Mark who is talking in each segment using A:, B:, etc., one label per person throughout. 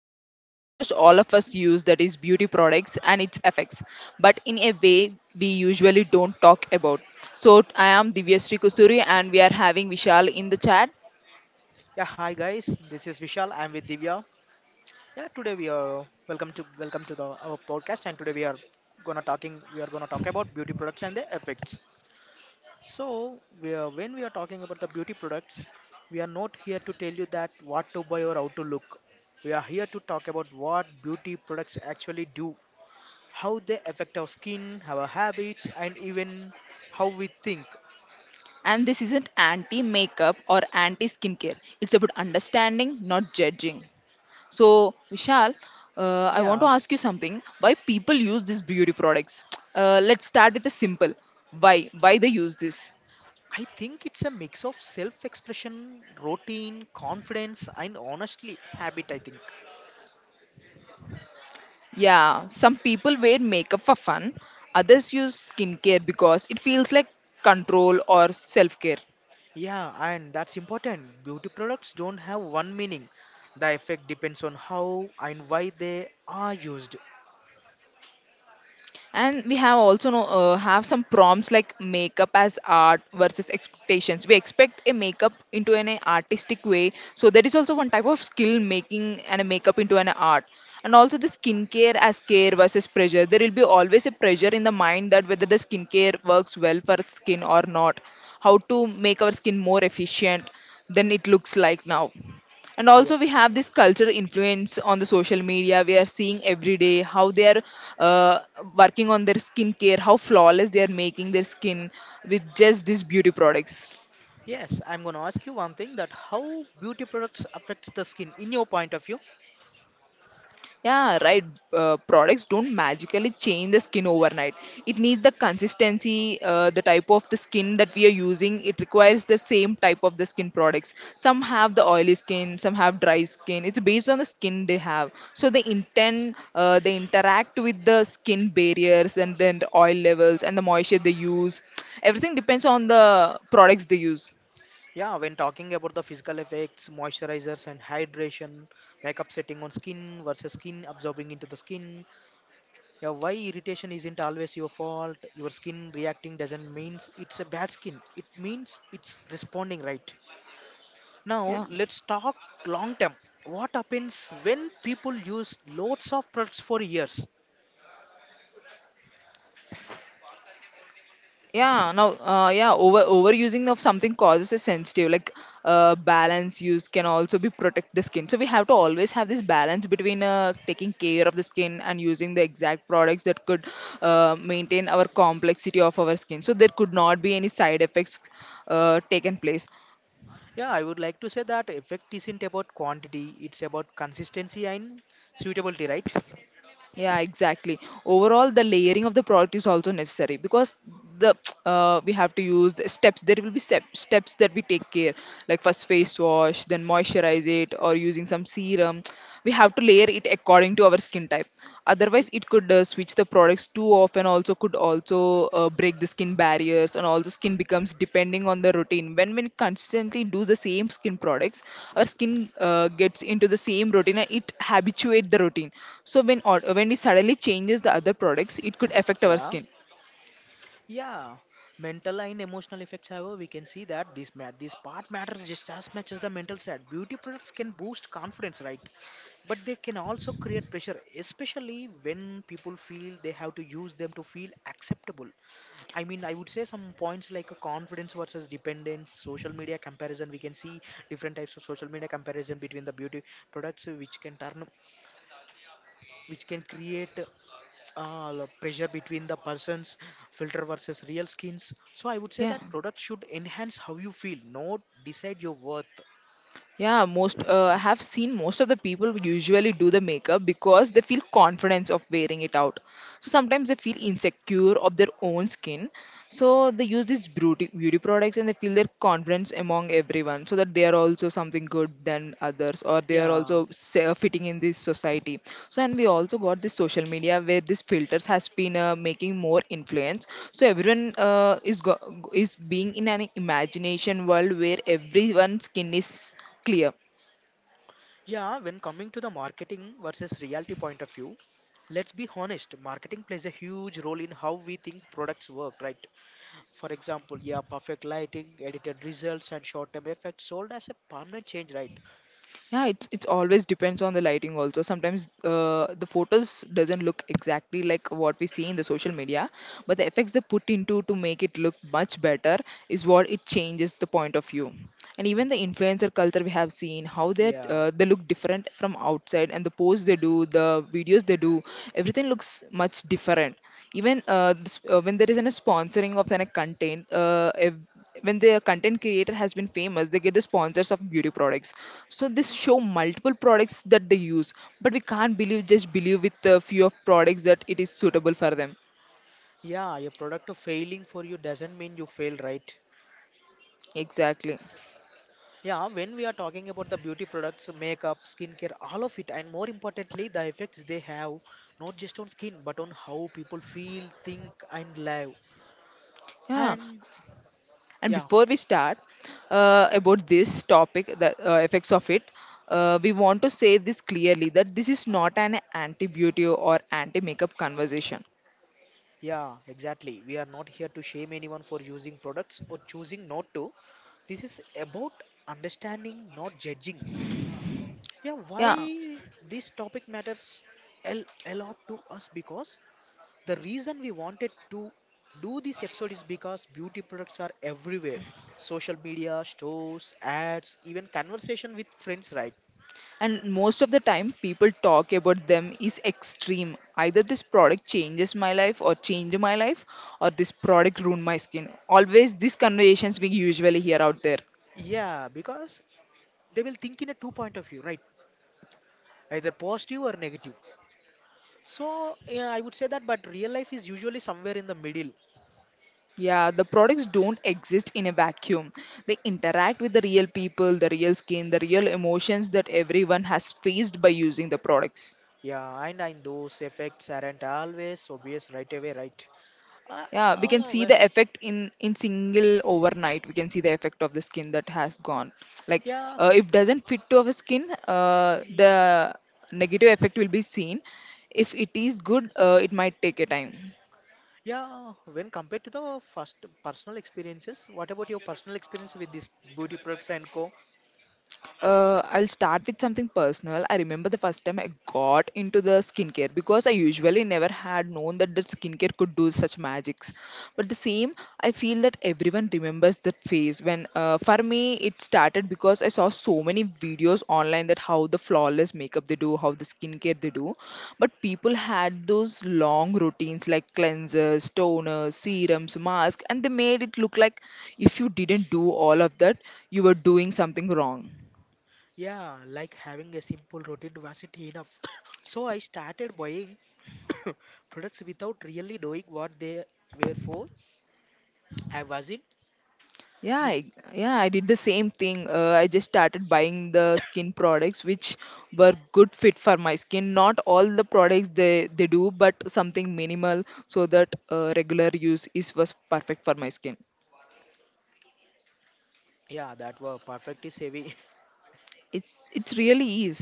A: about something almost all of us use, that is beauty products and its effects, but in a way we usually don't talk about. So I am Divyasri Kusuri and we are having Vishal in the chat.
B: Yeah, hi guys. This is Vishal. I'm with Divya. Yeah, today we are welcome to the our podcast, and today we are gonna talk about beauty products and the effects. So when we are talking about the beauty products, we are not here to tell you that what to buy or how to look. We are here to talk about what beauty products actually do, how they affect our skin, our habits, and even how we think.
A: And this isn't anti makeup or anti skincare, it's about understanding, not judging. So, Vishal, I want to
B: Yeah,
A: ask you something. Why people use these beauty products? Let's start with the simple. Why? Why they use this?
B: I think it's a mix of self expression, routine, confidence, and honestly, habit. I think.
A: Yeah, some people wear makeup for fun, others use skincare because it feels like control or self care.
B: Yeah, and that's important. Beauty products don't have one meaning. The effect depends on how and why they are used.
A: And we have also know, have some prompts like makeup as art versus expectations. We expect a makeup into an artistic way, so that is also one type of skill making and a makeup into an art. And also the skincare as care versus pressure. There will be always a pressure in the mind, that whether the skincare works well for skin or not, how to make our skin more efficient than it looks like now. And
B: Yeah.
A: also we have this cultural influence on the social media. We are seeing every day how they are uh, working on their skincare, how flawless they are making their skin with just these beauty products.
B: Yes, I'm going to ask you one thing that how beauty products affects the skin in your point of view.
A: Yeah, right. Products don't magically change the skin overnight. It needs the consistency, the type of the skin that we are using. It requires the same type of the skin products. Some have the oily skin, some have dry skin. It's based on the skin they have. So they intend, they interact with the skin barriers and then the oil levels and the moisture they use. Everything depends on the products they use.
B: Yeah, when talking about the physical effects, moisturizers and hydration, makeup setting on skin versus skin absorbing into the skin, yeah, why irritation isn't always your fault? Your skin reacting doesn't means it's a bad skin. It means it's responding right. Now
A: Yeah.
B: let's talk long term. What happens when people use loads of products for years?
A: Yeah, now, yeah, overusing of something causes a sensitive. Like, balance use can also be protect the skin. So we have to always have this balance between taking care of the skin and using the exact products that could maintain our complexity of our skin, so there could not be any side effects taken place.
B: Yeah, I would like to say that effect isn't about quantity, it's about consistency and suitability, right?
A: Yeah, exactly. Overall, the layering of the product is also necessary because the we have to use the steps. There will be steps that we take care, like first face wash, then moisturize it, or using some serum. We have to layer it according to our skin type. Otherwise,
B: Y-
A: it could, switch the products too often, also could also break the skin barriers, and all the skin becomes depending on the routine. When we constantly do the same skin products, our skin gets into the same routine and it habituate the routine. So when we suddenly changes the other products, it could affect our
B: Yeah.
A: skin.
B: Yeah, mental and emotional effects. However, we can see that this part matters just as much as the mental side. Beauty products can boost confidence, right? But they can also create pressure, especially when people feel they have to use them to feel acceptable. I mean, I would say some points like a confidence versus dependence, social media comparison. We can see different types of social media comparison between the beauty products, which can create pressure between the person's filter versus real skins. So I would say
A: Yeah.
B: that product should enhance how you feel, not decide your worth.
A: Yeah, most I have seen most of the people usually do the makeup because they feel confidence of wearing it out. So sometimes they feel insecure of their own skin, so they use these beauty products and they feel their confidence among everyone, so that they are also something good than others, or they are
B: Yeah,
A: also fitting in this society. So and we also got this social media where these filters has been making more influence. So everyone is being in an imagination world where everyone's skin is clear.
B: yeah. When coming to the marketing versus reality point of view, let's be honest. Marketing plays a huge role in how we think products work, right? For example, yeah, perfect lighting, edited results, and short-term effects sold as a permanent change, right?
A: Yeah, it's always depends on the lighting. Also sometimes the photos doesn't look exactly like what we see in the social media, but the effects they put into to make it look much better is what it changes the point of view. And even the influencer culture, we have seen how
B: Yeah,
A: they look different from outside, and the posts they do, the videos they do, everything looks much different. Even when there isn't a sponsoring of any content, when the content creator has been famous, they get the sponsors of beauty products, so this show multiple products that they use. But we can't believe with a few of products that it is suitable for them.
B: yeah. Your product failing for you doesn't mean you fail, right?
A: Exactly.
B: Yeah, when we are talking about the beauty products, makeup, skincare, all of it, and more importantly, the effects they have not just on skin but on how people feel, think, and live.
A: Yeah,
B: And
A: and
B: yeah,
A: before we start about this topic, the effects of it, we want to say this clearly, that this is not an anti beauty or anti makeup conversation.
B: yeah, exactly. We are not here to shame anyone for using products or choosing not to. This is about understanding, not judging. Yeah,
A: Yeah,
B: why this topic matters a lot to us because the reason we wanted to do this episode is because beauty products are everywhere, social media, stores, ads, even conversation with friends, right?
A: and most of the time people talk about them is extreme. Either this product changes my life or change my life, or this product ruined my skin. Always these conversations we usually hear out there.
B: Yeah, because they will think in a two point of view, right? Either positive or negative. So, yeah, I would say that, but real life is usually somewhere in the middle.
A: Yeah, the products don't exist in a vacuum. They interact with the real people, the real skin, the real emotions that everyone has faced by using the products.
B: Yeah, and those effects aren't always obvious right away, right? Uh,
A: Yeah, we can
B: oh,
A: see
B: well,
A: the effect in single overnight. We can see the effect of the skin that has gone, like,
B: yeah.
A: if doesn't fit to our skin,
B: Hmm.
A: the negative effect will be seen. If it is good, it might take a time.
B: Yeah, when compared to the first personal experiences, what about your personal experience with this beauty products and co?
A: I'll start with something personal. I remember the first time I got into the skincare, because I usually never had known that the skincare could do such magics. But the same, I feel that everyone remembers that phase when, for me, it started because I saw so many videos online, that how the flawless makeup they do, how the skincare they do. But people had those long routines like cleansers, toners, serums, masks, and they made it look like if you didn't do all of that, you were doing something wrong.
B: Yeah, like having a simple routine wasn't enough. So I started buying products without really knowing what they were for. I wasn't. lis-
A: Yeah, I did the same thing. I just started buying the skin products which were good fit for my skin. Not all the products they do, but something minimal, so that regular use is was perfect for my skin.
B: Yeah, that were perfectly savvy.
A: It's really is.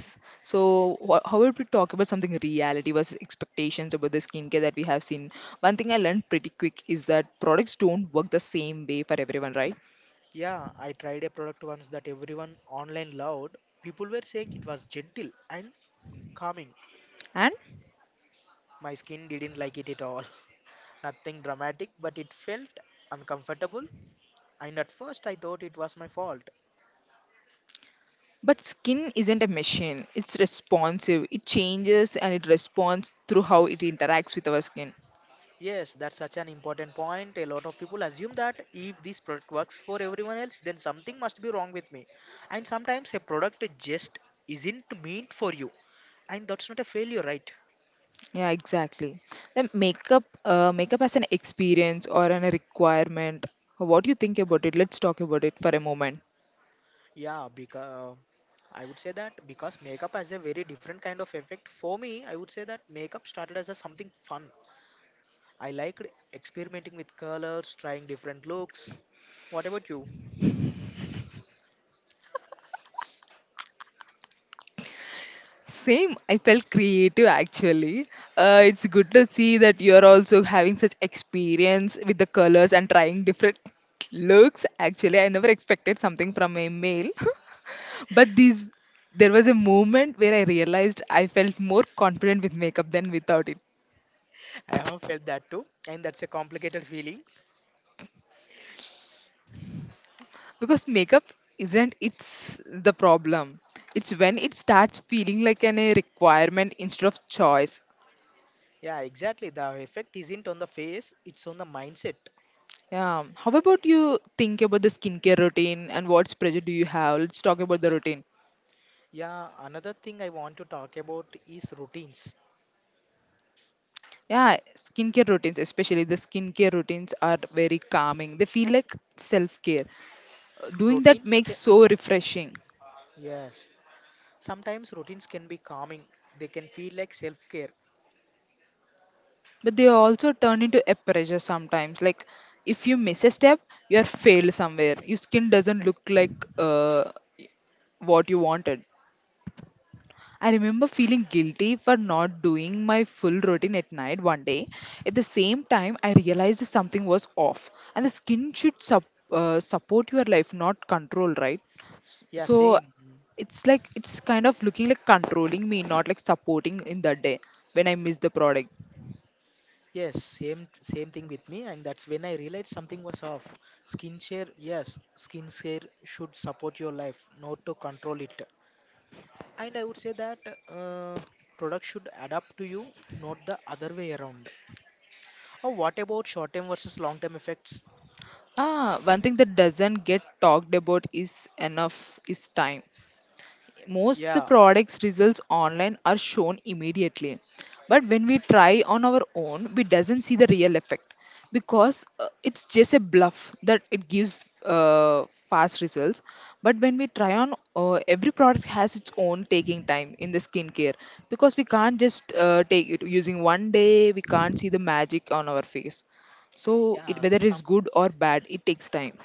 A: So wha how would we talk about something reality versus expectations about the skincare that we have seen? One thing I learned pretty quick is that products don't work the same way for everyone, right?
B: Yeah, I tried a product once that everyone online loved. People were saying it was gentle and calming.
A: And
B: My skin didn't like it at all. Nothing dramatic, but it felt uncomfortable. And at first, I thought it was my fault.
A: But skin isn't a machine. It's responsive. It changes and it responds through how it interacts with our skin.
B: Yes, that's such an important point. A lot of people assume that if this product works for everyone else, then something must be wrong with me. And sometimes a product just isn't meant for you. And that's not a failure, right?
A: Yeah, exactly. Then makeup, makeup as an experience or an requirement. What do you think about it? Let's talk about it for a moment.
B: Yeah, because I would say that because makeup has a very different kind of effect. For me, I would say that makeup started as a something fun. I liked experimenting with colors, trying different looks. What about you?
A: Same. I felt creative actually. It's good to see that you're also having such experience with the colors and trying different looks. Actually, I never expected something from a male. But these, there was a moment where I realized I felt more confident with makeup than without it.
B: I have felt that too, and that's a complicated feeling.
A: Because makeup isn't it's the problem. It's when it starts feeling like an a requirement instead of choice.
B: Yeah, exactly. The effect isn't on the face, it's on the mindset.
A: Yeah. How about you think about the skincare routine and what pressure do you have? Let's talk about the routine.
B: Yeah, another thing I want to talk about is routines.
A: Yeah, skincare routines, especially the skincare routines, are very calming. They feel like self care. Doing that
B: Routines
A: makes
B: can,
A: so refreshing.
B: yes, sometimes routines can be calming. They can feel like self-care.
A: But they also turn into a pressure sometimes, like, if you miss a step, you are failed somewhere, your skin doesn't look like what you wanted. I remember feeling guilty for not doing my full routine at night one day. At the same time, I realized something was off, and the skin should support your life, not control, right?
B: Yeah,
A: So
B: same.
A: it's like it's kind of looking like controlling me, not like supporting in that day, when I miss the product.
B: Yes, same thing with me, and that's when I realized something was off. Skincare, yes, skincare should support your life, not to control it. And I would say that uh, product should adapt to you, not the other way around. Oh, what about short-term versus long-term effects?
A: Ah, one thing that doesn't get talked about is enough is time. Most the
B: Yeah,
A: products results online are shown immediately, but when we try on our own we doesn't see the real effect, because, it's just a bluff that it gives fast results. But when we try on, every product has its own taking time in the skincare, because we can't just take it using one day. We can't see the magic on our face. So it,
B: yeah.
A: whether it's good or bad, it takes time.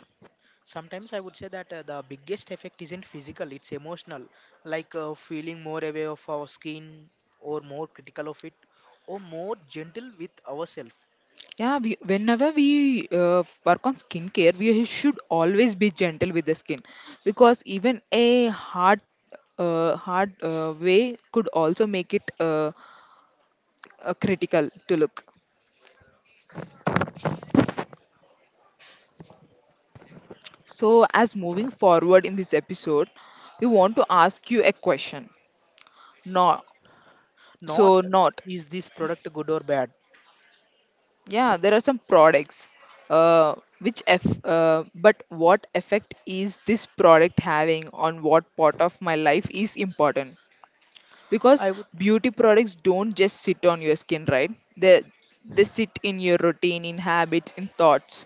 B: Sometimes I would say that the biggest effect isn't physical; it's emotional, like feeling more aware of our skin, or more critical of it, or more gentle with ourselves.
A: Whenever we work on skincare, we should always be gentle with the skin, because even a hard way could also make it critical to look. So, as moving forward in this episode, we want to ask you a question. No,
B: Not
A: so not.
B: is this product good or bad?
A: Yeah, there are some products. Uh, which f But what effect is this product having on what part of my life is important, because
B: I would
A: beauty products don't just sit on your skin, right? they they sit in your routine, in habits, in thoughts.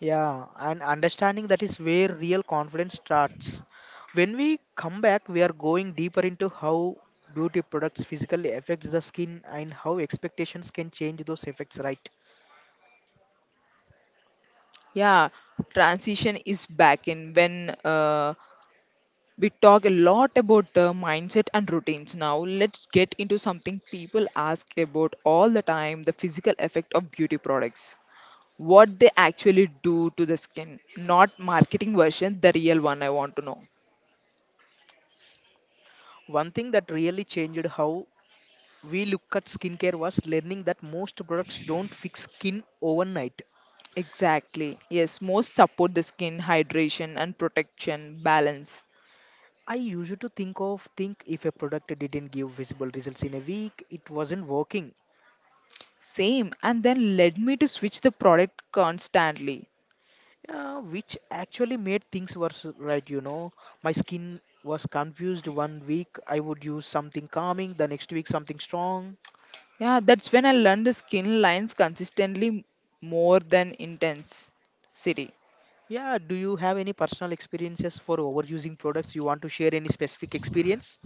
B: Yeah, and understanding that is where real confidence starts. When we come back, we are going deeper into how beauty products physically affects the skin and how expectations can change those effects, right?
A: Yeah, transition is back in. When, uh, we talk a lot about mindset and routines, now let's get into something people ask about all the time: the physical effect of beauty products, what they actually do to the skin, not marketing version, the real one. I want to know.
B: One thing that really changed how we look at skincare was learning that most products don't fix skin overnight.
A: Exactly. Yes, most support the skin hydration and protection balance.
B: I used to think if a product didn't give visible results in a week, it wasn't working.
A: Same. And then led me to switch the product constantly.
B: Yeah, which actually made things worse, right? You know, my skin was confused one week. I would use something calming, the next week, something strong.
A: Yeah, that's when I learned the skin lines consistently more than intense city.
B: Yeah, do you have any personal experiences for overusing products? You want to share any specific experience?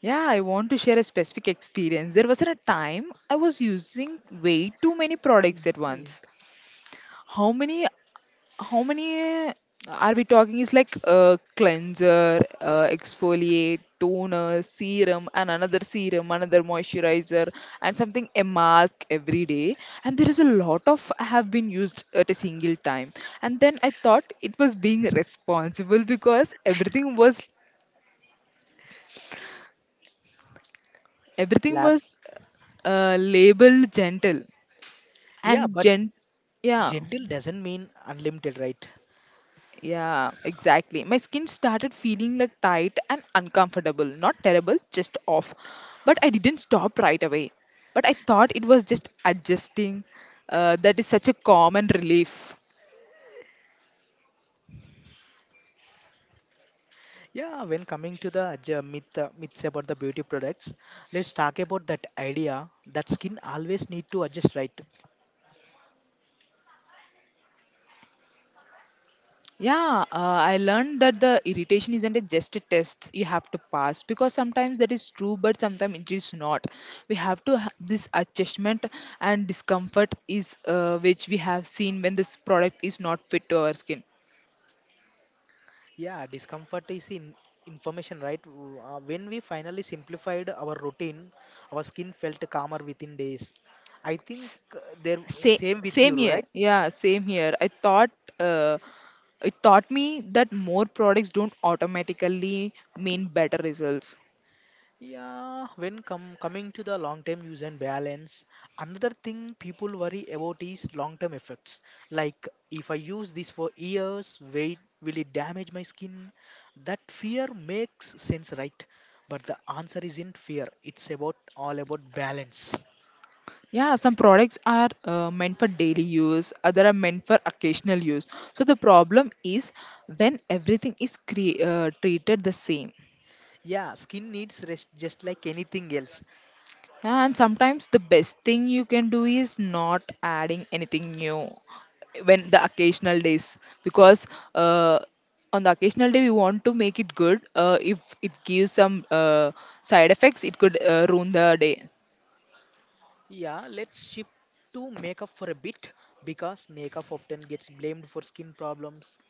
A: Yeah, I want to share a specific experience. There was a time I was using way too many
B: Mm,
A: products at
B: yeah.
A: once. how many how many are we talking? Is like cleanser, exfoliate, toner, serum and another serum, another moisturizer and something, a mask every day, and there is a lot of have been used at a single time. And then I thought it was being responsible because everything was everything
B: Lab.
A: was labeled gentle
B: Yeah,
A: and
B: but
A: gent, yeah.
B: gentle doesn't mean unlimited, right?
A: Yeah, exactly. My skin started feeling like tight and uncomfortable. Not terrible, just off. But I didn't stop right away. But I thought it was just adjusting. That is such a common relief.
B: Yeah, when coming to the myths about the beauty products, let's talk about that idea that skin always need to adjust, right?
A: Yeah, I learned that the irritation isn't a just a test you have to pass, because sometimes that is true, but sometimes it is not. We have to ha- this adjustment and discomfort is which we have seen when this product is not fit to our skin.
B: Yeah, discomfort is in information, right? When we finally simplified our routine, our skin felt calmer within days. I think there
A: Same,
B: same with you,
A: same here.
B: right?
A: Yeah, same here. I thought, uh, it taught me that more products don't automatically mean better results.
B: Yeah, when come coming to the long-term use and balance, another thing people worry about is long-term effects. Like if I use this for years, wait, will it damage my skin? That fear makes sense, right? But the answer isn't fear. It's about all about balance.
A: Yeah, some products are meant for daily use, other are meant for occasional use. So the problem is when everything is treated the same.
B: Yeah, skin needs rest just like anything else.
A: Yeah, and sometimes the best thing you can do is not adding anything new when the occasional days, because uh, on the occasional day we want to make it good. If it gives some side effects, it could ruin the day.
B: Yeah, let's shift to makeup for a bit because makeup often gets blamed for skin problems.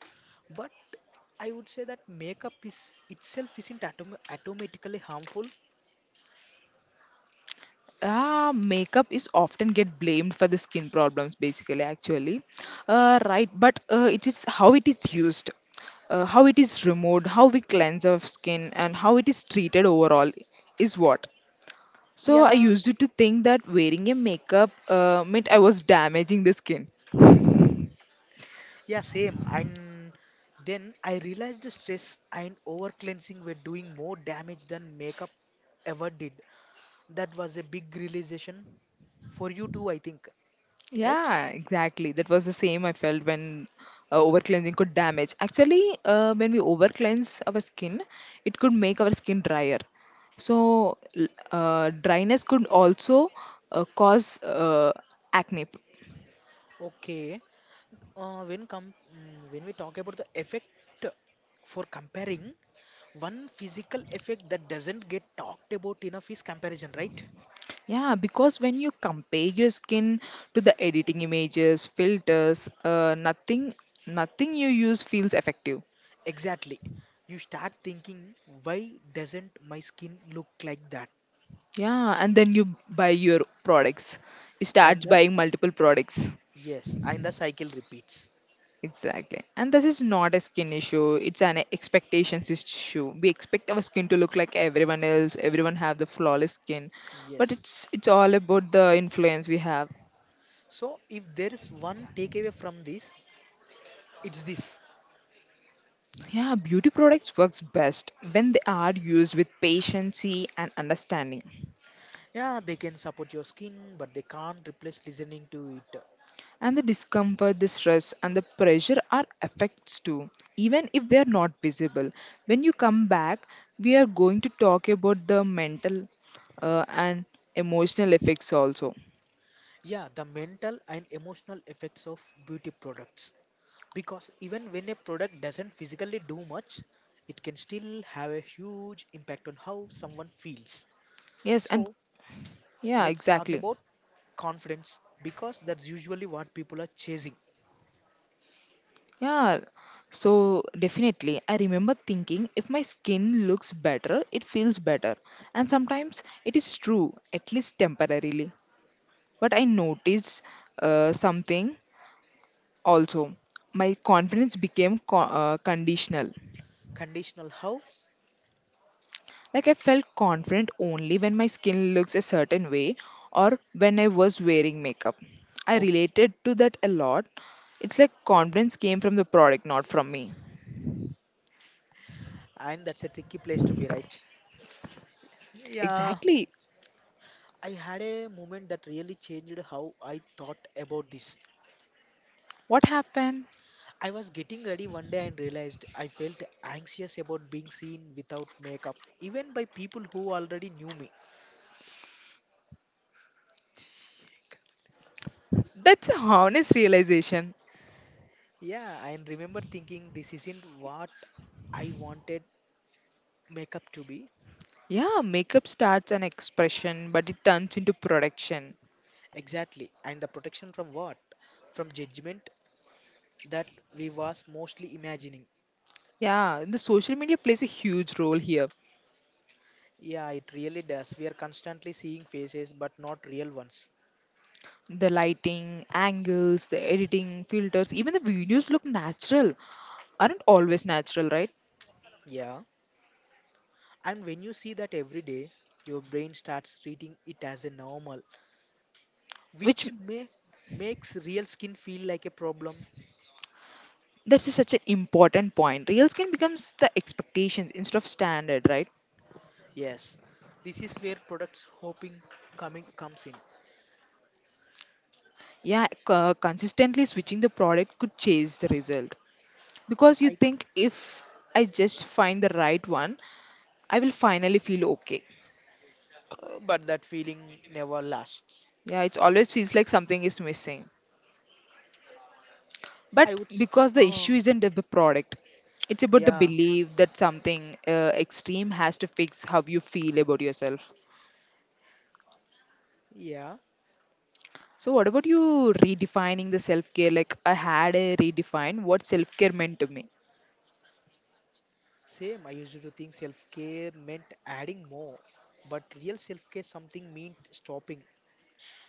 B: But I would say that makeup is itself isn't automatically harmful.
A: Ah, makeup is often get blamed for the skin problems basically, actually, right. But it is how it is used, how it is removed, how we cleanse our skin and how it is treated overall is what. So I
B: Yeah,
A: used to think that wearing a makeup meant I was damaging the skin.
B: yeah, same. And then I realized the stress and over cleansing were doing more damage than makeup ever did. That was a big realization for you too, I think. Right?
A: Yeah, exactly. That was the same I felt when over cleansing could damage. Actually, when we over cleanse our skin, it could make our skin drier. So dryness could also cause acne.
B: Okay. When we talk about the effect for comparing, one physical effect that doesn't get talked about enough is comparison, right?
A: Yeah, because when you compare your skin to the editing images, filters, nothing you use feels effective.
B: Exactly. You start thinking, why doesn't my skin look like that?
A: Yeah, and then you buy your products. You
B: And
A: start
B: the
A: buying multiple products.
B: Yes, and the cycle repeats.
A: Exactly. And this is not a skin issue, it's an expectations issue. We expect our skin to look like everyone else, everyone have the flawless skin. But
B: Yes.
A: it's all about the influence we have.
B: So if there is one takeaway from this, it's this.
A: Yeah, beauty products works best when they are used with patience and understanding.
B: Yeah, they can support your skin, but they can't replace listening to it.
A: And the discomfort, the stress, and the pressure are effects too, even if they are not visible. When you come back, we are going to talk about the mental and emotional effects also.
B: Yeah, the mental and emotional effects of beauty products. Because even when a product doesn't physically do much, it can still have a huge impact on how someone feels.
A: Yes, and
B: So,
A: yeah,
B: let's talk
A: exactly.
B: about confidence because that's usually what people are chasing.
A: Yeah, so definitely, I remember thinking if my skin looks better, it feels better. And sometimes it is true, at least temporarily. But I noticed something. Also, my confidence became conditional.
B: Conditional how?
A: Like I felt confident only when my skin looks a certain way or when I was wearing makeup. I
B: Oh,
A: related to that a lot. It's like confidence came from the product, not from me.
B: and that's a tricky place to be, right? Yeah,
A: Exactly.
B: I had a moment that really changed how I thought about this.
A: What happened?
B: I was getting ready one day and realized I felt anxious about being seen without makeup, even by people who already knew me.
A: That's a honest realization.
B: Yeah, I remember thinking this isn't what I wanted makeup to be.
A: Yeah, makeup starts an expression, but it turns into production.
B: Exactly. And the protection from what? From judgment that we was mostly imagining.
A: Yeah, the social media plays a huge role here.
B: Yeah, it really does. We are constantly seeing faces but not real ones.
A: The lighting, angles, the editing, filters, even the videos look natural, aren't always natural, right?
B: Yeah. And when you see that every day, your brain starts treating it as a normal,
A: Which,
B: which may makes real skin feel like a problem.
A: that's such an important point. Real skin becomes the expectation instead of standard, right?
B: Yes. This is where products hoping coming comes in.
A: Yeah, consistently switching the product could chase the result, because you
B: I
A: think if I just find the right one, I will finally feel okay.
B: but that feeling never lasts.
A: Yeah, it always feels like something is missing. But
B: I would, s-
A: because the
B: uh,
A: issue isn't the product, it's about the
B: yeah,
A: belief that something extreme has to fix how you feel about yourself.
B: yeah,
A: So what about you redefining the self-care? Like I had a redefine what self-care meant to me.
B: same. I used to think self care meant adding more, but real self care something meant stopping,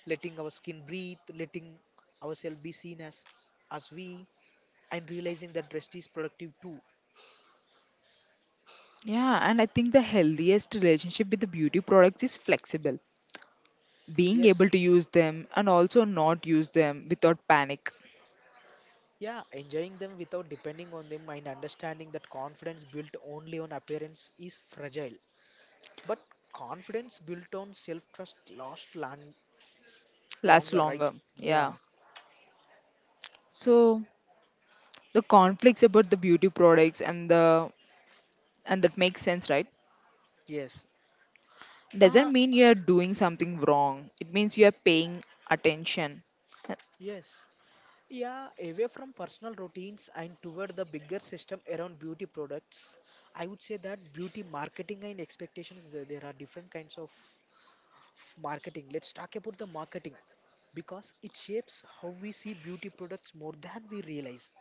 B: letting our skin breathe, letting ourselves be seen as we, and realizing that rest is productive too.
A: Yeah, and I think the healthiest relationship with the beauty products is flexible, being
B: Yes,
A: able to use them and also not use them without panic.
B: yeah, enjoying them without depending on them, and understanding that confidence built only on appearance is fragile, but confidence built on self trust lasts
A: Lasts
B: longer, right?
A: longer, yeah.
B: Yeah,
A: So the conflicts about the beauty products, and the and that makes sense, right?
B: yes.
A: Doesn't
B: Ah,
A: mean you're doing something wrong. It means you're paying attention. Uh,
B: yes. Yeah, away from personal routines and toward the bigger system around beauty products, I would say that beauty marketing and expectations, there are different kinds of marketing. Let's talk about the marketing because it shapes how we see beauty products more than we realize,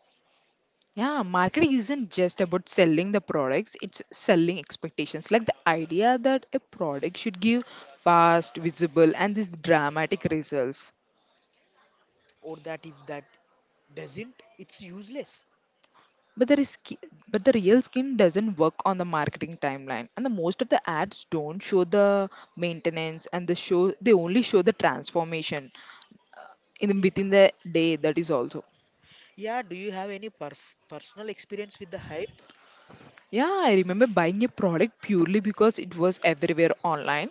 A: Yeah, marketing isn't just about selling the products, it's selling expectations. Like the idea that a product should give fast, visible, and these dramatic results.
B: or that if that doesn't, it's useless.
A: But the risk, but the real skin doesn't work on the marketing timeline, and the most of the ads don't show the maintenance, and the show they only show the transformation in
B: Ye-
A: within the day. That is also.
B: Yeah, do you have any personal experience with the hype?
A: Yeah, I remember buying a product purely because it was everywhere online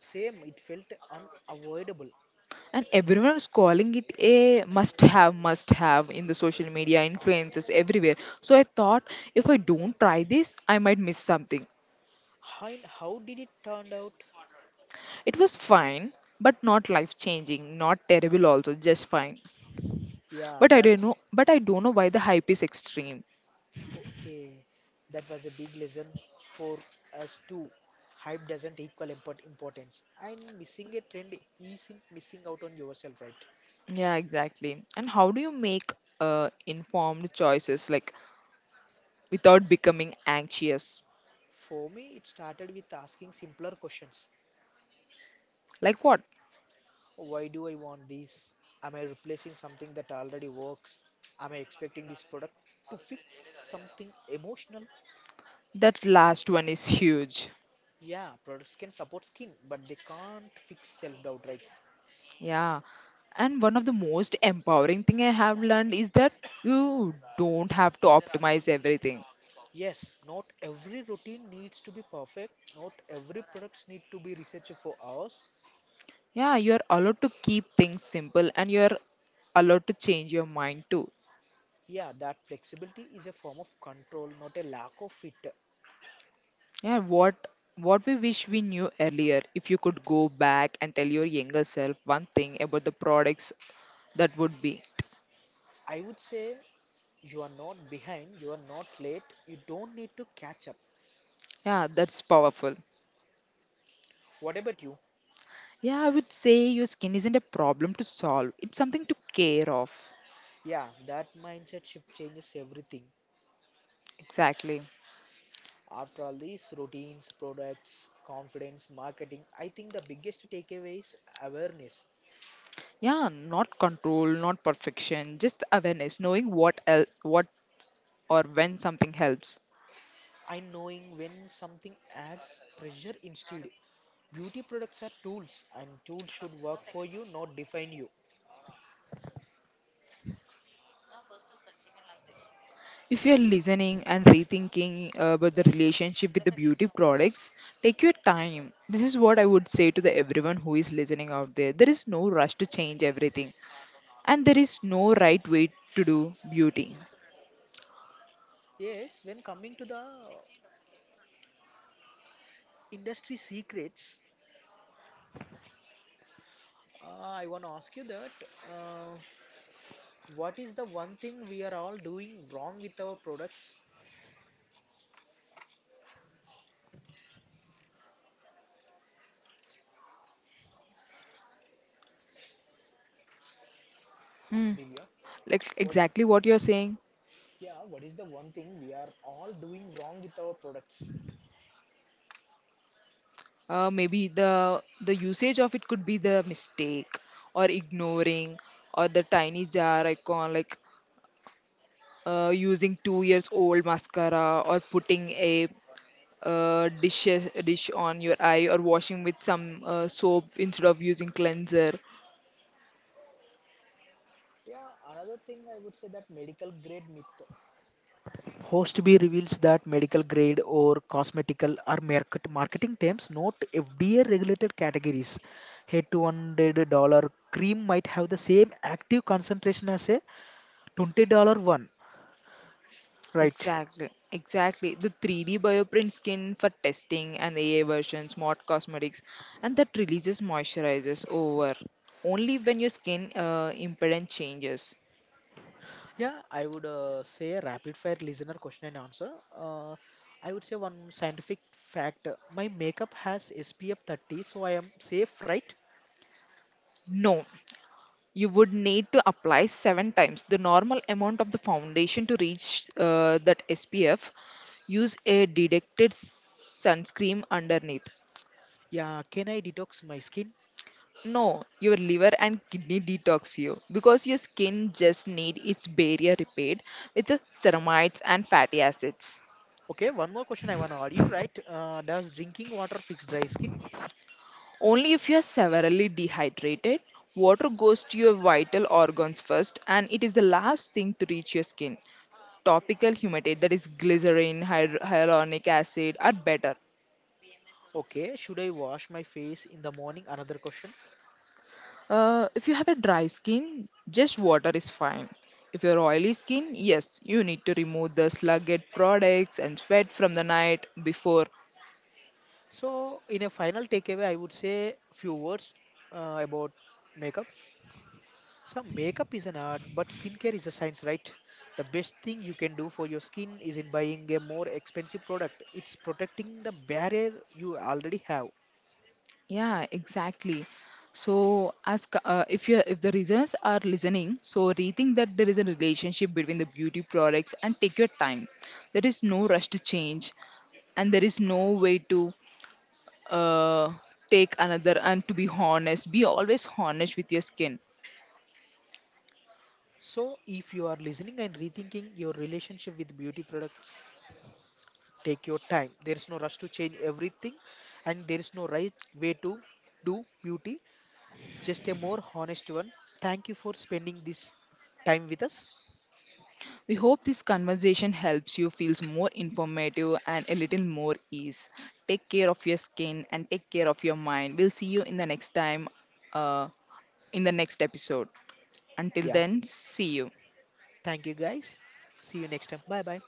B: Same, it felt unavoidable.
A: and everyone was calling it a must have in the social media, influences everywhere. So I thought if I don't try this, I might miss something.
B: How did it turned out?
A: It was fine, but not life changing, not terrible also, just fine.
B: Yeah,
A: But I
B: that
A: don't know but I don't know why the hype is extreme.
B: okay, that was a big lesson for us too. Hype doesn't equal importance, and missing a trend isn't missing out on yourself, right?
A: Yeah, exactly. And how do you make informed choices like without becoming anxious?
B: For me, it started with asking simpler questions.
A: Like what?
B: Why do I want this? Am I replacing something that already works? Am I expecting this product to fix something emotional?
A: That last one is huge.
B: Yeah, products can support skin, but they can't fix self doubt, right?
A: Yeah, and one of the most empowering thing I have learned is that you don't have to optimize everything.
B: Yes, not every routine needs to be perfect. Not every products need to be researched for hours.
A: Yeah, you are allowed to keep things simple and you are allowed to change your mind too.
B: Yeah, that flexibility is a form of control, not a lack of it.
A: Yeah, what we wish we knew earlier, if you could go back and tell your younger self one thing about the products, that would be.
B: I would say you are not behind, you are not late, you don't need to catch up.
A: Yeah, that's powerful.
B: What about you?
A: Yeah, I would say your skin isn't a problem to solve. It's something to care of.
B: Yeah, that mindset shift changes everything.
A: Exactly.
B: After all these routines, products, confidence, marketing, I think the biggest takeaway is awareness.
A: Yeah, not control, not perfection, just awareness, knowing what what or when something helps.
B: I knowing when something adds pressure instead. Beauty products are tools, and tools should work for you, not define you.
A: If you are listening and rethinking about the relationship with the beauty products, take your time. This is what I would say to the everyone who is listening out there. There is no rush to change everything, and there is no right way to do beauty.
B: Yes, when coming to the industry secrets, uh, I want to ask you that uh, what is the one thing we are all doing wrong with our products,
A: Hmm.
B: Divya?
A: Like
B: What?
A: exactly what you're saying.
B: Yeah, what is the one thing we are all doing wrong with our products?
A: Maybe the usage of it could be the mistake, or ignoring, or the tiny jar icon. Like using 2 years old mascara, or putting a uh, dish dish on your eye, or washing with some soap instead of using cleanser.
B: Yeah, another thing I would say that medical grade myth. Host B reveals that medical grade or cosmetical are marketing terms, not FDA regulated categories. A $200 cream might have the same active concentration as a $20 one, right?
A: Exactly, exactly. The 3D bioprint skin for testing and AI version, smart cosmetics, and that releases moisturizers over only when your skin impedance changes.
B: Yeah, I would say a rapid fire listener question and answer. Uh, I would say one scientific fact, my makeup has SPF 30, so I am safe, right?
A: No, you would need to apply 7 times the normal amount of the foundation to reach that SPF. Use a deducted sunscreen underneath.
B: Yeah, can I detox my skin?
A: No, your liver and kidney detox you because your skin just need its barrier repaired with the ceramides and fatty acids.
B: Okay, one more question I want to add you, right? Does drinking water fix dry skin?
A: Only if you are severely dehydrated, water goes to your vital organs first and it is the last thing to reach your skin. Topical humectant, that is glycerin, hyaluronic acid are better.
B: Okay, should I wash my face in the morning? Another question.
A: If you have a dry skin, just water is fine. If you're oily skin, yes, you need to remove the sluggish products and sweat from the night before.
B: So, in a final takeaway, I would say few words about makeup. So, makeup is an art, but skincare is a science, right? The best thing you can do for your skin isn't buying a more expensive product. It's protecting the barrier you already have.
A: Yeah, exactly. So, as if you if the reasons are listening, so rethink that there is a relationship between the beauty products and take your time. There is no rush to change, and there is no way to uh, take another, and to be honest, be always honest with your skin.
B: So, if you are listening and rethinking your relationship with beauty products, take your time. There is no rush to change everything, and there is no right way to do beauty just a more honest one. Thank you for spending this time with us.
A: We hope this conversation helps you feels more informative and a little more ease. Take care of your skin and take care of your mind. We'll see you in the next time, uh, in the next episode. Until
B: Yeah.
A: then, see you.
B: Thank you guys. See you next time. Bye bye.